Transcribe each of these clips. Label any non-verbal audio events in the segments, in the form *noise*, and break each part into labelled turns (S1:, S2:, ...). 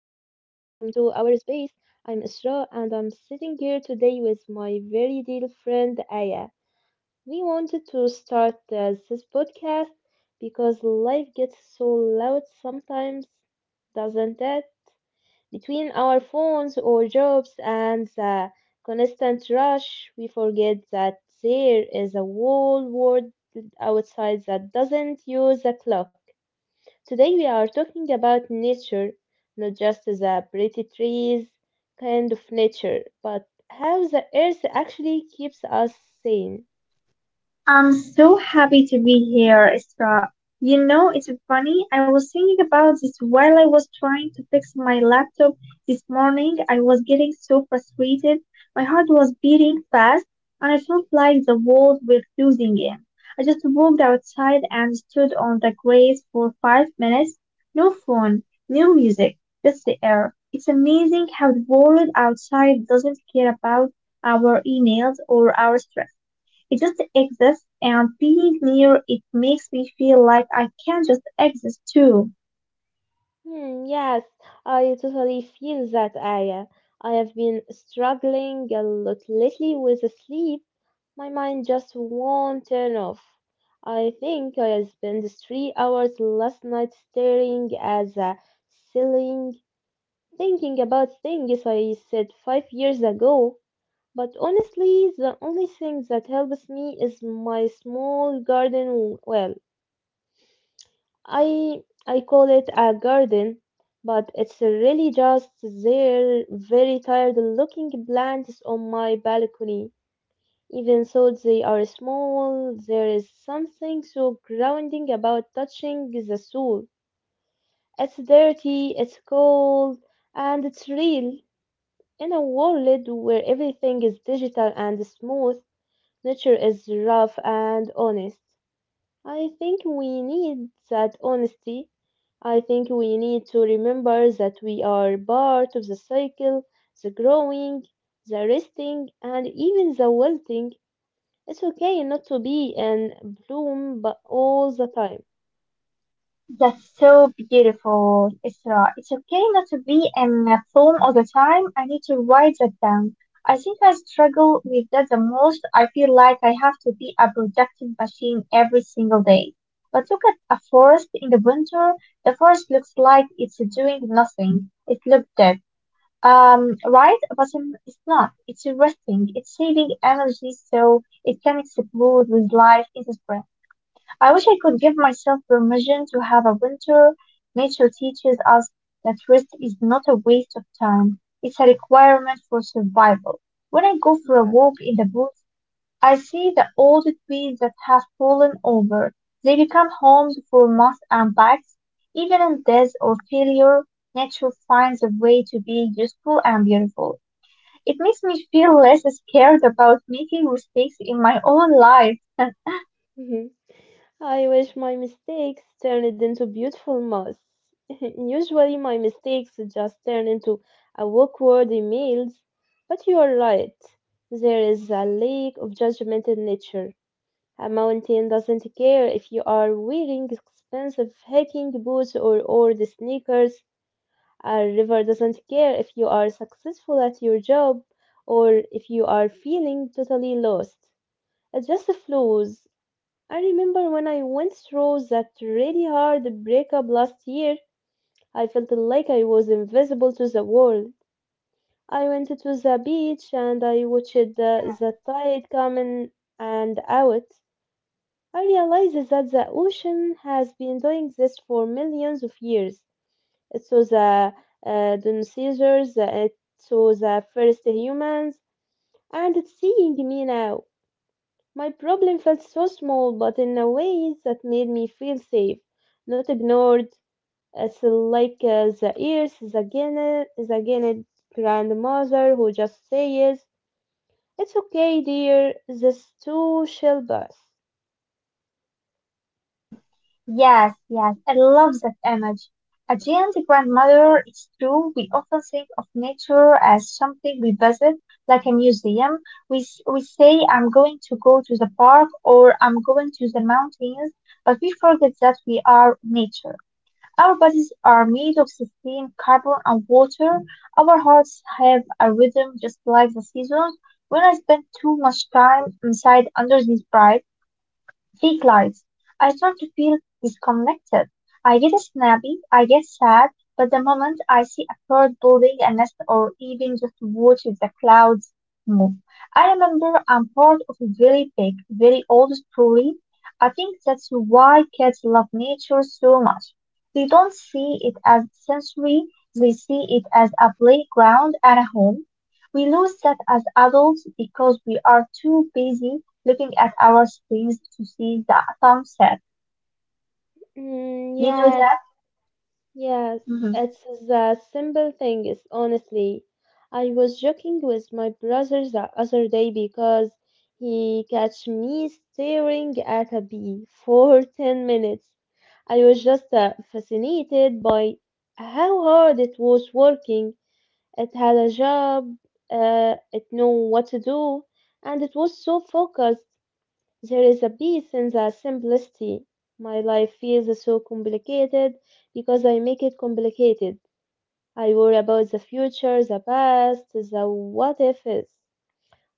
S1: our space. I'm Isra and I'm sitting here today with my very dear friend Aya. We wanted to start this podcast because life gets so loud sometimes, doesn't it? Between our phones or jobs and the constant rush, we forget that there is a whole world outside that doesn't use a clock. Today we are talking about nature, not just the pretty trees kind of nature, but how the earth actually keeps us sane.
S2: I'm so happy to be here, Isra. You know, it's funny, I was thinking about this while I was trying to fix my laptop this morning. I was getting so frustrated. My heart was beating fast, and I felt like the walls were closing in. I just walked outside and stood on the grass for 5 minutes. No phone, no music, just the air. It's amazing how the world outside doesn't care about our emails or our stress. It just exists and being near it makes me feel like I can just exist too.
S1: Hmm, yes, I totally feel that, Aya. I have been struggling a lot lately with sleep. My mind just won't turn off. I think I spent 3 hours last night staring at the ceiling, thinking about things I said 5 years ago. But honestly, the only thing that helps me is my small garden. Well, I I call it a garden, but it's really just their very tired looking plants on my balcony. Even though they are small, there is something so grounding about touching the soil. It's dirty, it's cold, and it's real. In a world where everything is digital and smooth, nature is rough and honest. I think we need that honesty. I think we need to remember that we are part of the cycle, the growing, the resting, and even the wilting. It's okay not to be in bloom but all the time.
S2: That's so beautiful, Isra. It's okay not to be in a film all the time. I need to write that down. I think I struggle with that the most. I feel like I have to be a productive machine every single day. But look at a forest in the winter. The forest looks like it's doing nothing. It looks dead. Right? But it's not. It's resting. It's saving energy so it can explode with life in the spring. I wish I could give myself permission to have a winter. Nature teaches us that rest is not a waste of time. It's a requirement for survival. When I go for a
S1: Yes.
S2: walk in the woods, I see the old trees that have fallen over. They become homes for moths and bugs. Even in death or failure, nature finds a way to be useful and beautiful. It makes me feel less scared about making mistakes in my own life.
S1: *laughs* I wish my mistakes turned into beautiful moss. *laughs* Usually, my mistakes just turn into awkward emails, but you are right. There is a lack of judgment in nature. A mountain doesn't care if you are wearing expensive hiking boots or old sneakers. A river doesn't care if you are successful at your job or if you are feeling totally lost. It just flows. I remember when I went through that really hard breakup last year, I felt like I was invisible to the world. I went to the beach and I watched the tide come in and out. I realized that the ocean has been doing this for millions of years. It saw the dinosaurs, it saw the first humans, and it's seeing me now. My problem felt so small, but in a way that made me feel safe, not ignored. It's like the ears, the gene grandmother who just says, "It's okay, dear. This too shall pass."
S2: Yes, yes, I love that image. A giant grandmother, it's true, we often think of nature as something we visit, like a museum. We say, I'm going to go to the park or I'm going to the mountains, but we forget that we are nature. Our bodies are made of sustained carbon and water. Our hearts have a rhythm just like the seasons. When I spend too much time inside under these bright fake lights. I start to feel disconnected. I get snappy, I get sad, but the moment I see a bird building a nest or even just watch the clouds move, I remember I'm part of a very big, very old story. I think that's why kids love nature so much. They don't see it as sensory, they see it as a playground and a home. We lose that as adults because we are too busy looking at our screens to see the sunset.
S1: Mm,
S2: You know
S1: yes.
S2: that?
S1: Yes,
S2: Mhm.
S1: it's the simple thing, is honestly. I was joking with my brother the other day because he catch me staring at a bee for *laughs* 10 minutes. I was just fascinated by how hard it was working. It had a job, it knew what to do, and it was so focused. There is a peace in the simplicity. My life feels so complicated because I make it complicated. I worry about the future, the past, the what ifs.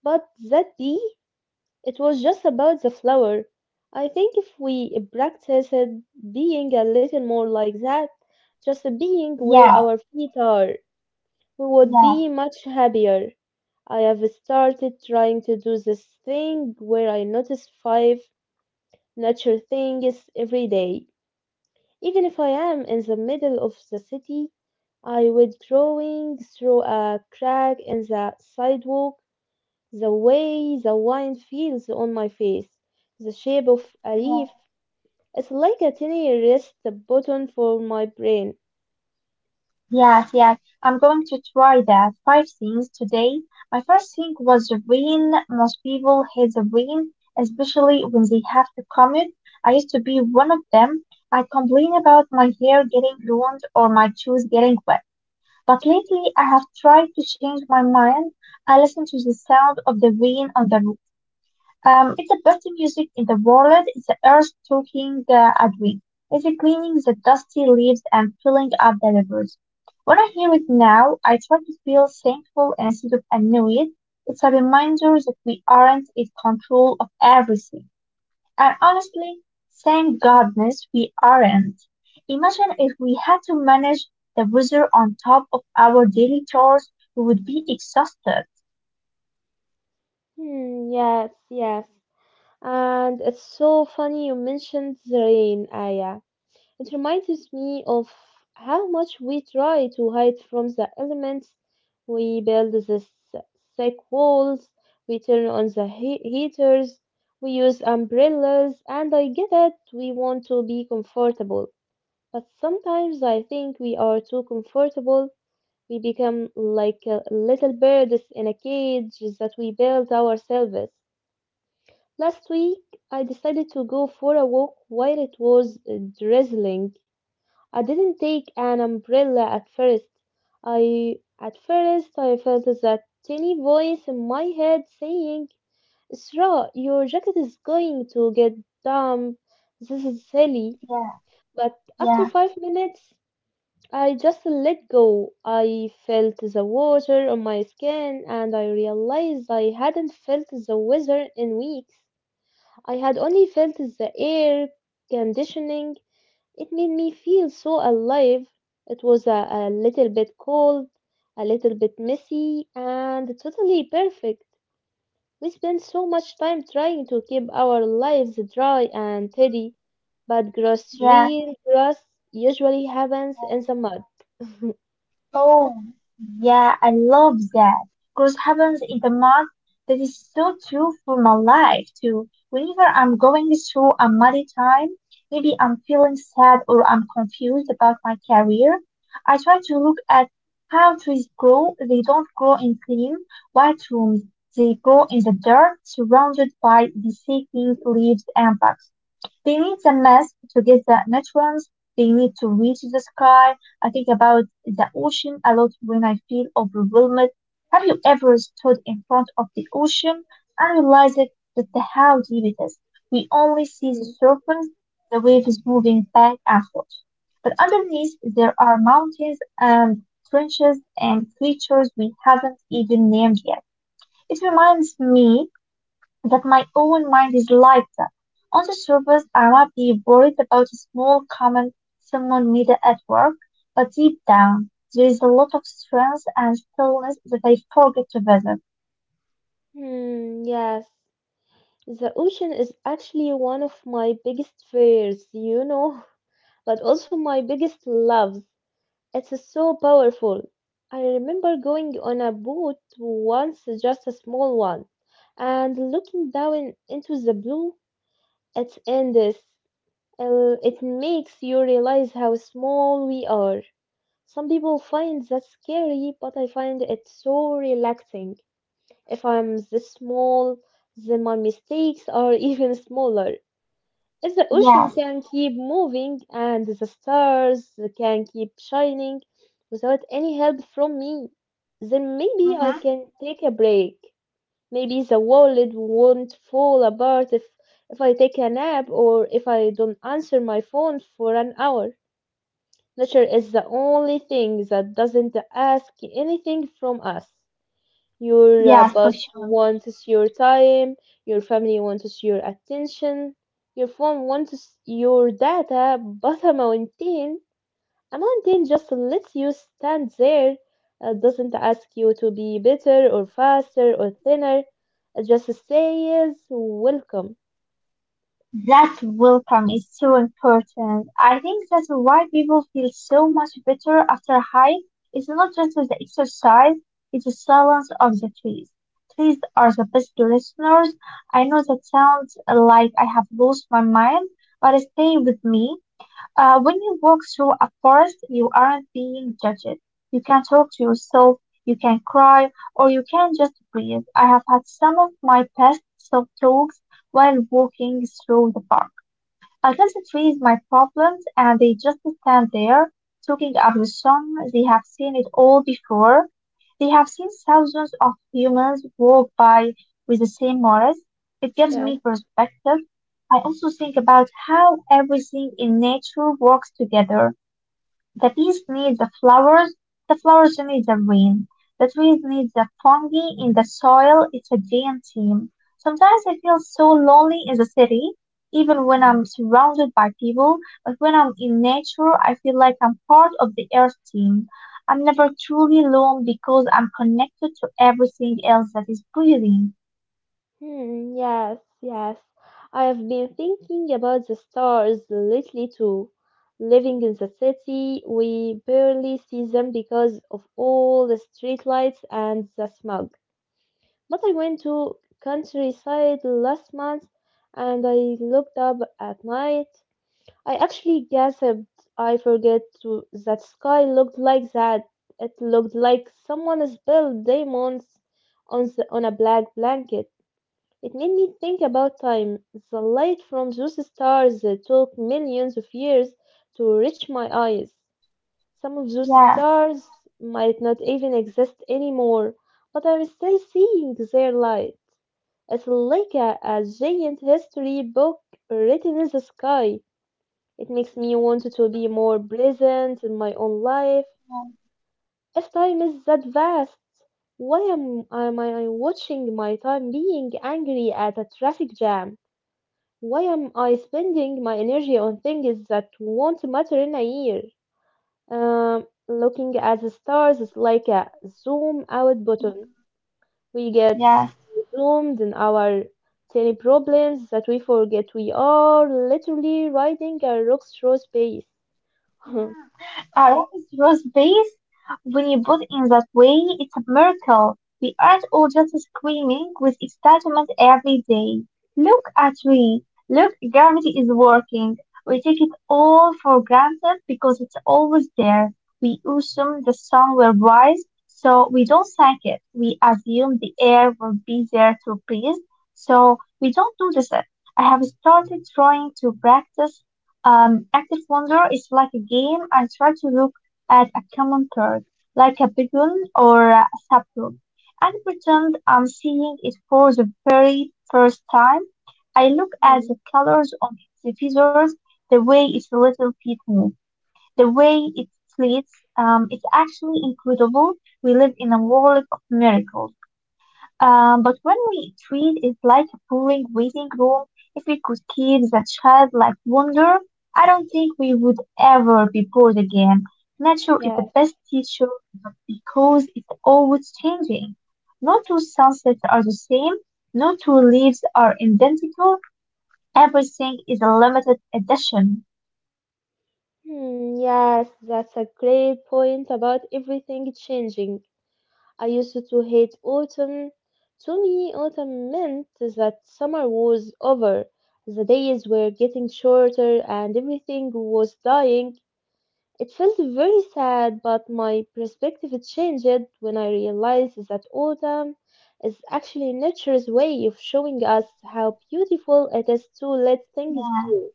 S1: But that bee, it was just about the flower. I think if we practiced being a little more like that, just being where
S2: Yeah,
S1: our feet are, we would
S2: yeah,
S1: be much happier. I have started trying to do this thing where I notice five nature thing is every day. Even if I am in the middle of the city, I would growing through a crack in the sidewalk, the way the wind feels on my face, the shape of a
S2: yeah,
S1: leaf. It's like a tiny rest button for my brain.
S2: yes, yes. I'm going to try that. Five things today. My first thing was the rain. Most people hate the rain, especially when they have to commute. I used to be one of them. I complain about my hair getting ruined or my shoes getting wet. But lately, I have tried to change my mind. I listen to the sound of the rain on the it's the best music in the world. It's the earth talking at we. It's cleaning the dusty leaves and filling up the rivers. When I hear it now, I try to feel thankful instead of annoyed. It's a reminder that we aren't in control of everything. And honestly, thank goodness we aren't. Imagine if we had to manage the weather on top of our daily chores, we would be exhausted.
S1: Hmm, yes, yes. And it's so funny you mentioned the rain, Aya. It reminds me of how much we try to hide from the elements. We build the thick walls, we turn on the heaters, we use umbrellas, and I get it, we want to be comfortable. But sometimes I think we are too comfortable. We become like little birds in a cage that we built ourselves. Last week, I decided to go for a walk while it was drizzling. I didn't take an umbrella at first. I at first I felt that tiny voice in my head saying, Isra, your jacket is going to get damp. This is silly.
S2: Yeah,
S1: But after
S2: yeah,
S1: 5 minutes, I just let go. I felt the water on my skin and I realized I hadn't felt the weather in weeks. I had only felt the air conditioning. It made me feel so alive. It was a little bit cold, a little bit messy, and totally perfect. We spend so much time trying to keep our lives dry and tidy, but gross
S2: yeah.
S1: real grass usually happens in the mud.
S2: Oh, yeah, I love that. Because happens in the mud, that is so true for my life too. Whenever I'm going through a muddy time, maybe I'm feeling sad or I'm confused about my career, I try to look at how trees grow. They don't grow in clean, white rooms. They grow in the dirt, surrounded by the decaying leaves and bugs. They need the mass to get the nutrients. They need to reach the sky. I think about the ocean a lot when I feel overwhelmed. Have you ever stood in front of the ocean and realized that the how deep it is? We only see the
S1: Hmm.
S2: surface, the wave is moving back and forth. But underneath, there are mountains and trenches and creatures we haven't even named yet. It reminds me but my own mind is like that. On the surface, I might be worried about a small comment someone made at work, but deep down, there is a lot of strength and stillness that I forget to visit.
S1: Hmm, yes. The ocean is actually one of my biggest fears, you know, *laughs* but also my biggest love. It's so powerful. I remember going on a boat once, just a small one, and looking down into the blue. It's endless. It makes you realize how small we are. Some people find that scary, but I find it so relaxing. If I'm this small, then my mistakes are *laughs* even smaller. If the ocean
S2: Yes.
S1: can keep moving and the stars can keep shining without any help from me, then maybe I
S2: Hmm.
S1: can take a break. Maybe the world won't fall apart if I take a nap or if I don't answer my phone for an hour. Nature is the only thing that doesn't ask anything from us. Your
S2: Yes, for
S1: boss
S2: sure.
S1: wants your time, your family wants your attention, your phone wants your data, but a mountain, just lets you stand there, doesn't ask you to be better or faster or thinner, it just says welcome.
S2: That welcome is so important. I think that's why people feel so much better after a hike. It's not just the exercise, it's the silence of the trees. Trees are the best listeners. I know that sounds like I have lost my mind, but stay with me. When you walk through a forest, you aren't being judged. You can talk to yourself, you can cry, or you can just breathe. I have had some of my best self talks while walking through the park. I can the trees my problems and they just stand there, talking up the sun. They have seen it all before. They have seen thousands of humans walk by with the same morals. It gives
S1: Yes.
S2: me perspective. I also think about how everything in nature works together. The bees need the flowers need the rain, the trees need the fungi in the soil. It's a giant team. Sometimes I feel so lonely in the city, even when I'm surrounded by people, but when I'm in nature, I feel like I'm part of the earth team. I'm never truly alone because I'm connected to everything else that is breathing.
S1: Hmm, yes, yes. I have been thinking about the stars lately too. Living in the city, we barely see them because of all the street lights and the smog. But I went to countryside last month and I looked up at night. I actually gasped. I forget to that sky looked like that. It looked like someone spilled diamonds on a black blanket. It made me think about time. The light from those stars took millions of years to reach my eyes. Some of those
S2: Yes,
S1: stars might not even exist anymore, but I'm still seeing their light. It's like a giant history book written in the sky. It makes me want to be more present in my own life. If time is that vast, am I watching my time being angry at a traffic jam? Why am I spending my energy on things that won't matter in a year? Looking at the stars is like a zoom out button. We get
S2: yes.
S1: zoomed in our tiny problems that we forget we are literally riding a rock through space. *laughs*
S2: Our work is when you put in that way, it's a miracle. We aren't all just screaming with excitement every day. Look at me. Look, gravity is working. We take it all for granted because it's always there. We assume the sun will rise, so we don't thank it. We assume the air will be there to breathe, so we don't notice it. I have started trying to practice active wonder is like a game. I try to look at a common card, like a beacon or a sapling, and pretend I'm seeing it for the very first time. I look at
S1: Hmm,
S2: the colors on its feathers, the way its little feet move, the way it sleeps. It's actually incredible. We live in a world of miracles. But when we treat it like a boring waiting room, if we could keep the childlike wonder, I don't think we would ever be bored again. Nature is the
S1: yes.
S2: best teacher, but because it's always changing. No two sunsets are the same, no two leaves are identical, everything is a limited edition.
S1: Hmm, yes, that's a great point about everything changing. I used to hate autumn. To me, autumn meant that summer was over. The days were getting shorter and everything was dying. It felt very sad, but my perspective changed when I realized that autumn is actually nature's way of showing us how beautiful it is to let things
S2: Yeah,
S1: go.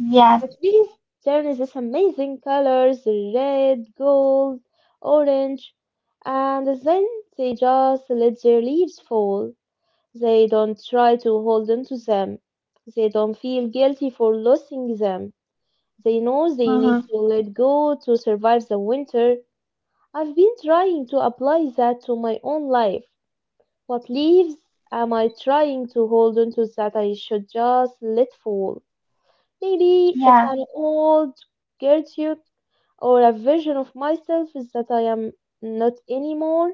S2: yes,
S1: The trees turn these amazing colors, red, gold, orange, and then they just let their leaves fall. They don't try to hold on to them. They don't feel guilty for losing them. They know they need
S2: mm-hmm.
S1: to let go to survive the winter. I've been trying to apply that to my own life. What leaves am I trying to hold on to that I should just let fall? Maybe it's
S2: Yeah,
S1: an old Gertrude or a version of myself that I am not anymore.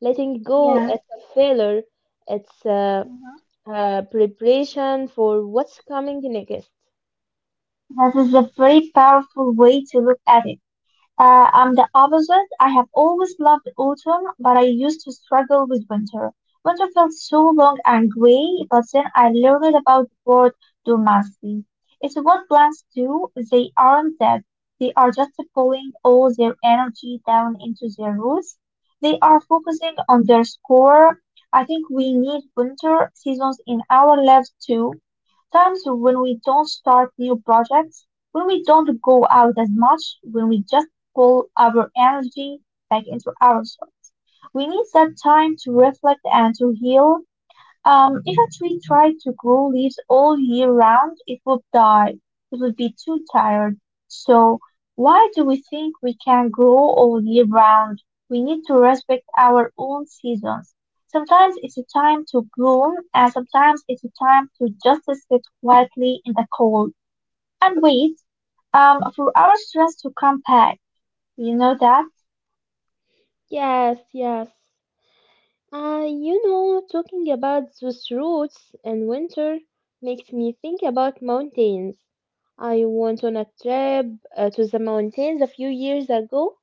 S1: Letting go
S2: yeah.
S1: is a failure. It's
S2: Mm-hmm.
S1: a preparation for what's coming next.
S2: That is a very powerful way to look at it. I'm the opposite. I have always loved autumn, but I used to struggle with winter. Winter felt so long and gray, but then I learned about the word dormancy. It's what plants do. They aren't dead. They are just pulling all their energy down into their roots. They are focusing on their core. I think we need winter seasons in our lives too times when we don't start new projects, when we don't go out as much, when we just pull our energy back into ourselves. We need that time to reflect and to heal. If a tree tried to grow leaves all year round, it would die. It would be too tired. So, why do we think we can grow all year round? We need to respect our own seasons. Sometimes it's a time to bloom, and sometimes it's a time to just sit quietly in the cold and wait for our stress to come back. You know that?
S1: Yes, yes. You know, talking about those routes in winter makes me think about mountains. I went on a trip to the mountains a few years ago.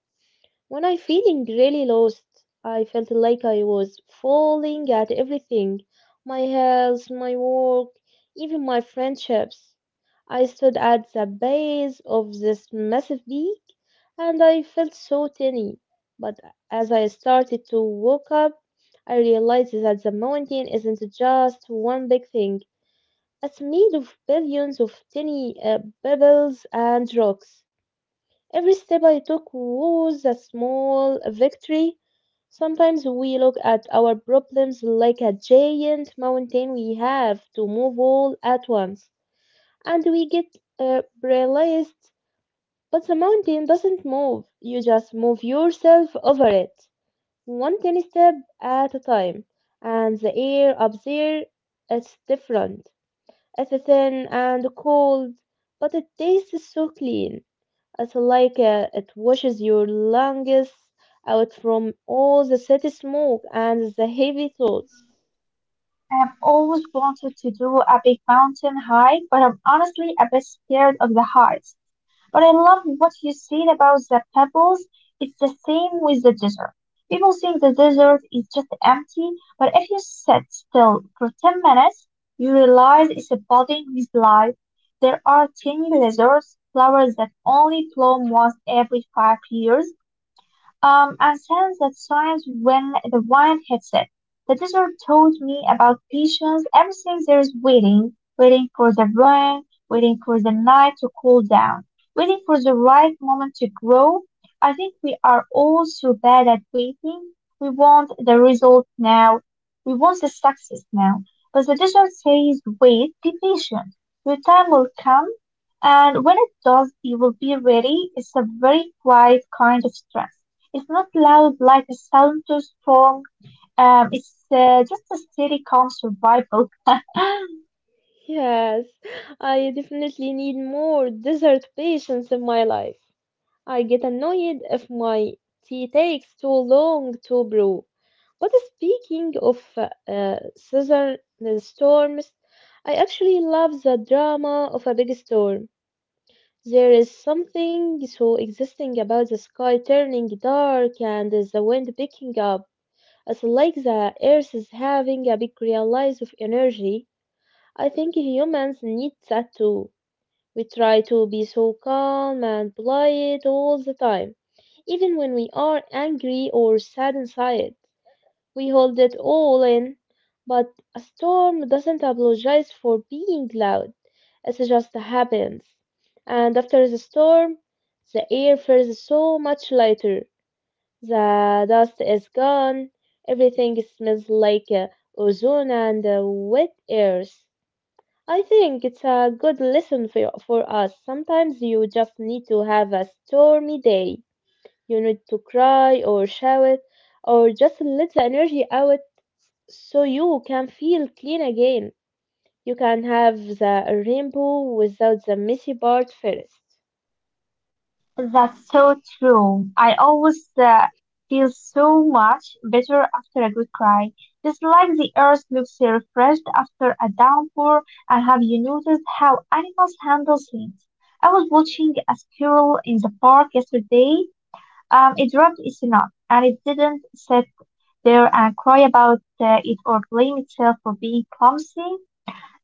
S1: When I feeling really lost, I felt like I was falling at everything. My health, my work, even my friendships. I stood at the base of this massive peak and I felt so tiny. But as I started to wake up, I realized that the mountain isn't just one big thing. It's made of billions of tiny pebbles and rocks. Every step I took was a small victory. Sometimes we look at our problems like a giant mountain we have to move all at once, and we get paralyzed. But the mountain doesn't move, you just move yourself over it, one tiny step at a time. And the air up there is different. It's thin and cold, but it tastes so clean. It's like it washes your lungs out from all the city smoke and the heavy thoughts.
S2: I've always wanted to do a big mountain hike, but I'm honestly a bit scared of the heights. But I love what you said about the pebbles. It's the same with the desert. People think the desert is just empty, but if you sit still for 10 minutes, you realize it's a buzzing with life. There are tiny lizards, flowers that only bloom once every 5 years, and sense that science when the wine hits it. The desert taught me about patience, everything there is waiting, waiting for the rain, waiting for the night to cool down, waiting for the right moment to grow. I think we are all so bad at waiting. We want the result now. We want the success now. But the desert says, wait, be patient. Your time will come. And when it does, you will be ready. It's a very quiet kind of strength. It's not loud like a Santos song. It's just a steady, calm survival. *laughs*
S1: Yes, I definitely need more dessert patience in my life. I get annoyed if my tea takes too long to brew. But speaking of southern storms, I actually love the drama of a big storm. There is something so existing about the sky turning dark and the wind picking up. It's like the earth is having a big release of energy. I think humans need that too. We try to be so calm and polite all the time, even when we are angry or sad inside. We hold it all in, but a storm doesn't apologize for being loud. It just happens. And after the storm, the air feels so much lighter. The dust is gone. Everything smells like ozone and wet airs. I think it's a good lesson for us. Sometimes you just need to have a stormy day. You need to cry or shout or just let the energy out so you can feel clean again. You can have the rainbow without the messy part first.
S2: That's so true. I always feel so much better after a good cry. Just like the earth looks refreshed after a downpour, and have you noticed how animals handle things? I was watching a squirrel in the park yesterday. It dropped its nut, and it didn't sit there and cry about it or blame itself for being clumsy.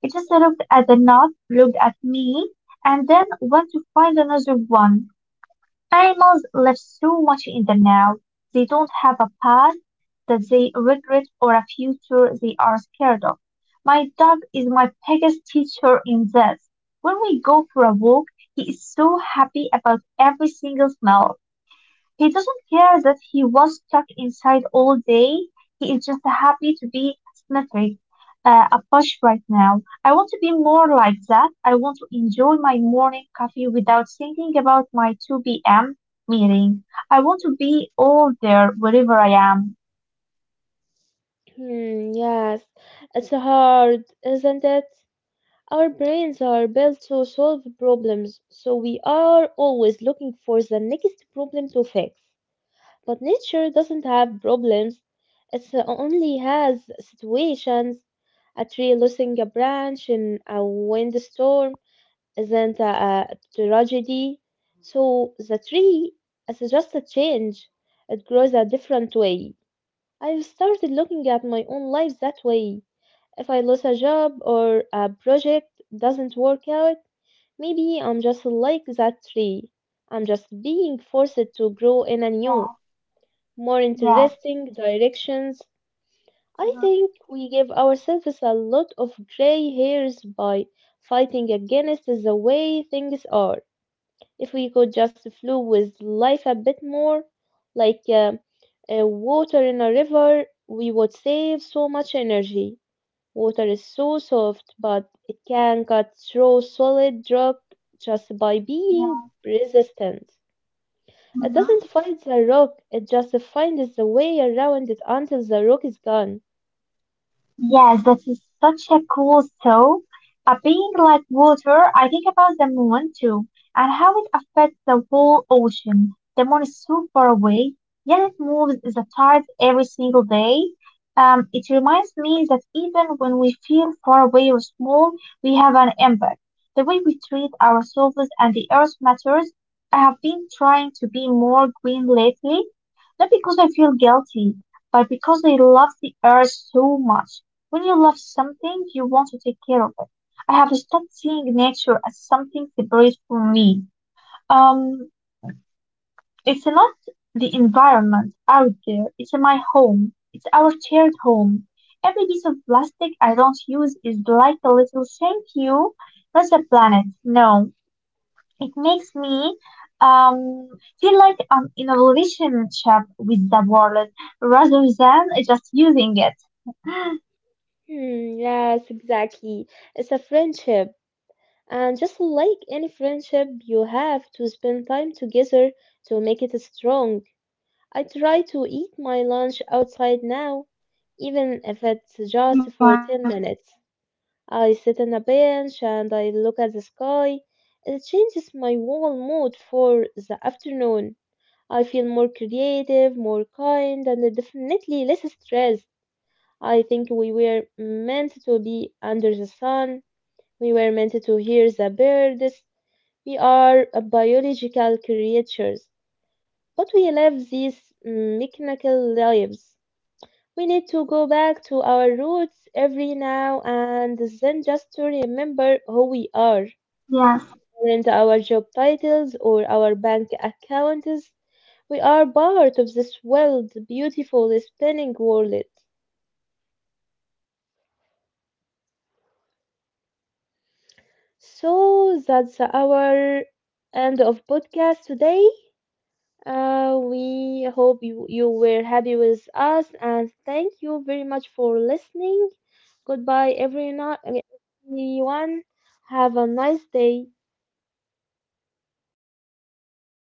S2: It just looked at the knot, looked at me, and then went to find another one. Animals live so much in the now. They don't have a past that they regret or a future they are scared of. My dog is my biggest teacher in this. When we go for a walk, he is so happy about every single smell. He doesn't care that he was stuck inside all day. He is just happy to be symmetric, a push right now. I want to be more like that. I want to enjoy my morning coffee without thinking about my 2 p.m. meeting. I want to be all there wherever I am.
S1: Hmm, yes, it's hard, isn't it? Our brains are built to solve problems, so we are always looking for the next problem to fix. But nature doesn't have problems, it only has situations. A tree losing a branch in a windstorm isn't a tragedy. So the tree is just a change. It grows a different way. I've started looking at my own life that way. If I lose a job or a project doesn't work out, maybe I'm just like that tree. I'm just being forced to grow in a new,
S2: Yeah,
S1: more
S2: yeah.
S1: interesting directions. I
S2: Hmm.
S1: think we give ourselves a lot of gray hairs by fighting against the way things are. If we could just flow with life a bit more, like water in a river, we would save so much energy. Water is so soft, but it can cut through solid rock just by being
S2: Yeah.
S1: resistant. It doesn't
S2: Mm-hmm.
S1: fight the rock, it just finds the way around it until the rock is gone.
S2: Yes, that is such a cool thought. A being like water, I think about the moon too, and how it affects the whole ocean. The moon is so far away, yet it moves the tides every single day. It reminds me that even when we feel far away or small, we have an impact. The way we treat ourselves and the earth matters. I have been trying to be more green lately, not because I feel guilty, but because I love the earth so much. When you love something, you want to take care of it. I have stopped seeing nature as something separate from me. Um, it's not the environment out there, it's my home. It's our shared home. Every piece of plastic I don't use is like a little thank you, not the planet. No, it makes me um, feel like I'm in a relationship with the world rather than just using it. *gasps*
S1: Hmm, yes, exactly. It's a friendship. And just like any friendship, you have to spend time together to make it strong. I try to eat my lunch outside now, even if it's
S2: Yeah.
S1: just for 10 minutes. I sit on a bench and I look at the sky. It changes my whole mood for the afternoon. I feel more creative, more kind, and definitely less stressed. I think we
S2: Yeah.
S1: were meant to be under the sun. We were meant to hear the birds, we are a biological creatures, but we live these mechanical lives. We need to go back to our roots every now and then just to remember who we are. And our job titles or our bank accounts, we are part of this world, beautiful spinning world. So that's our end of podcast today. We hope you were happy with us and thank you very much for listening. Goodbye, everyone. Everyone. Have a nice day.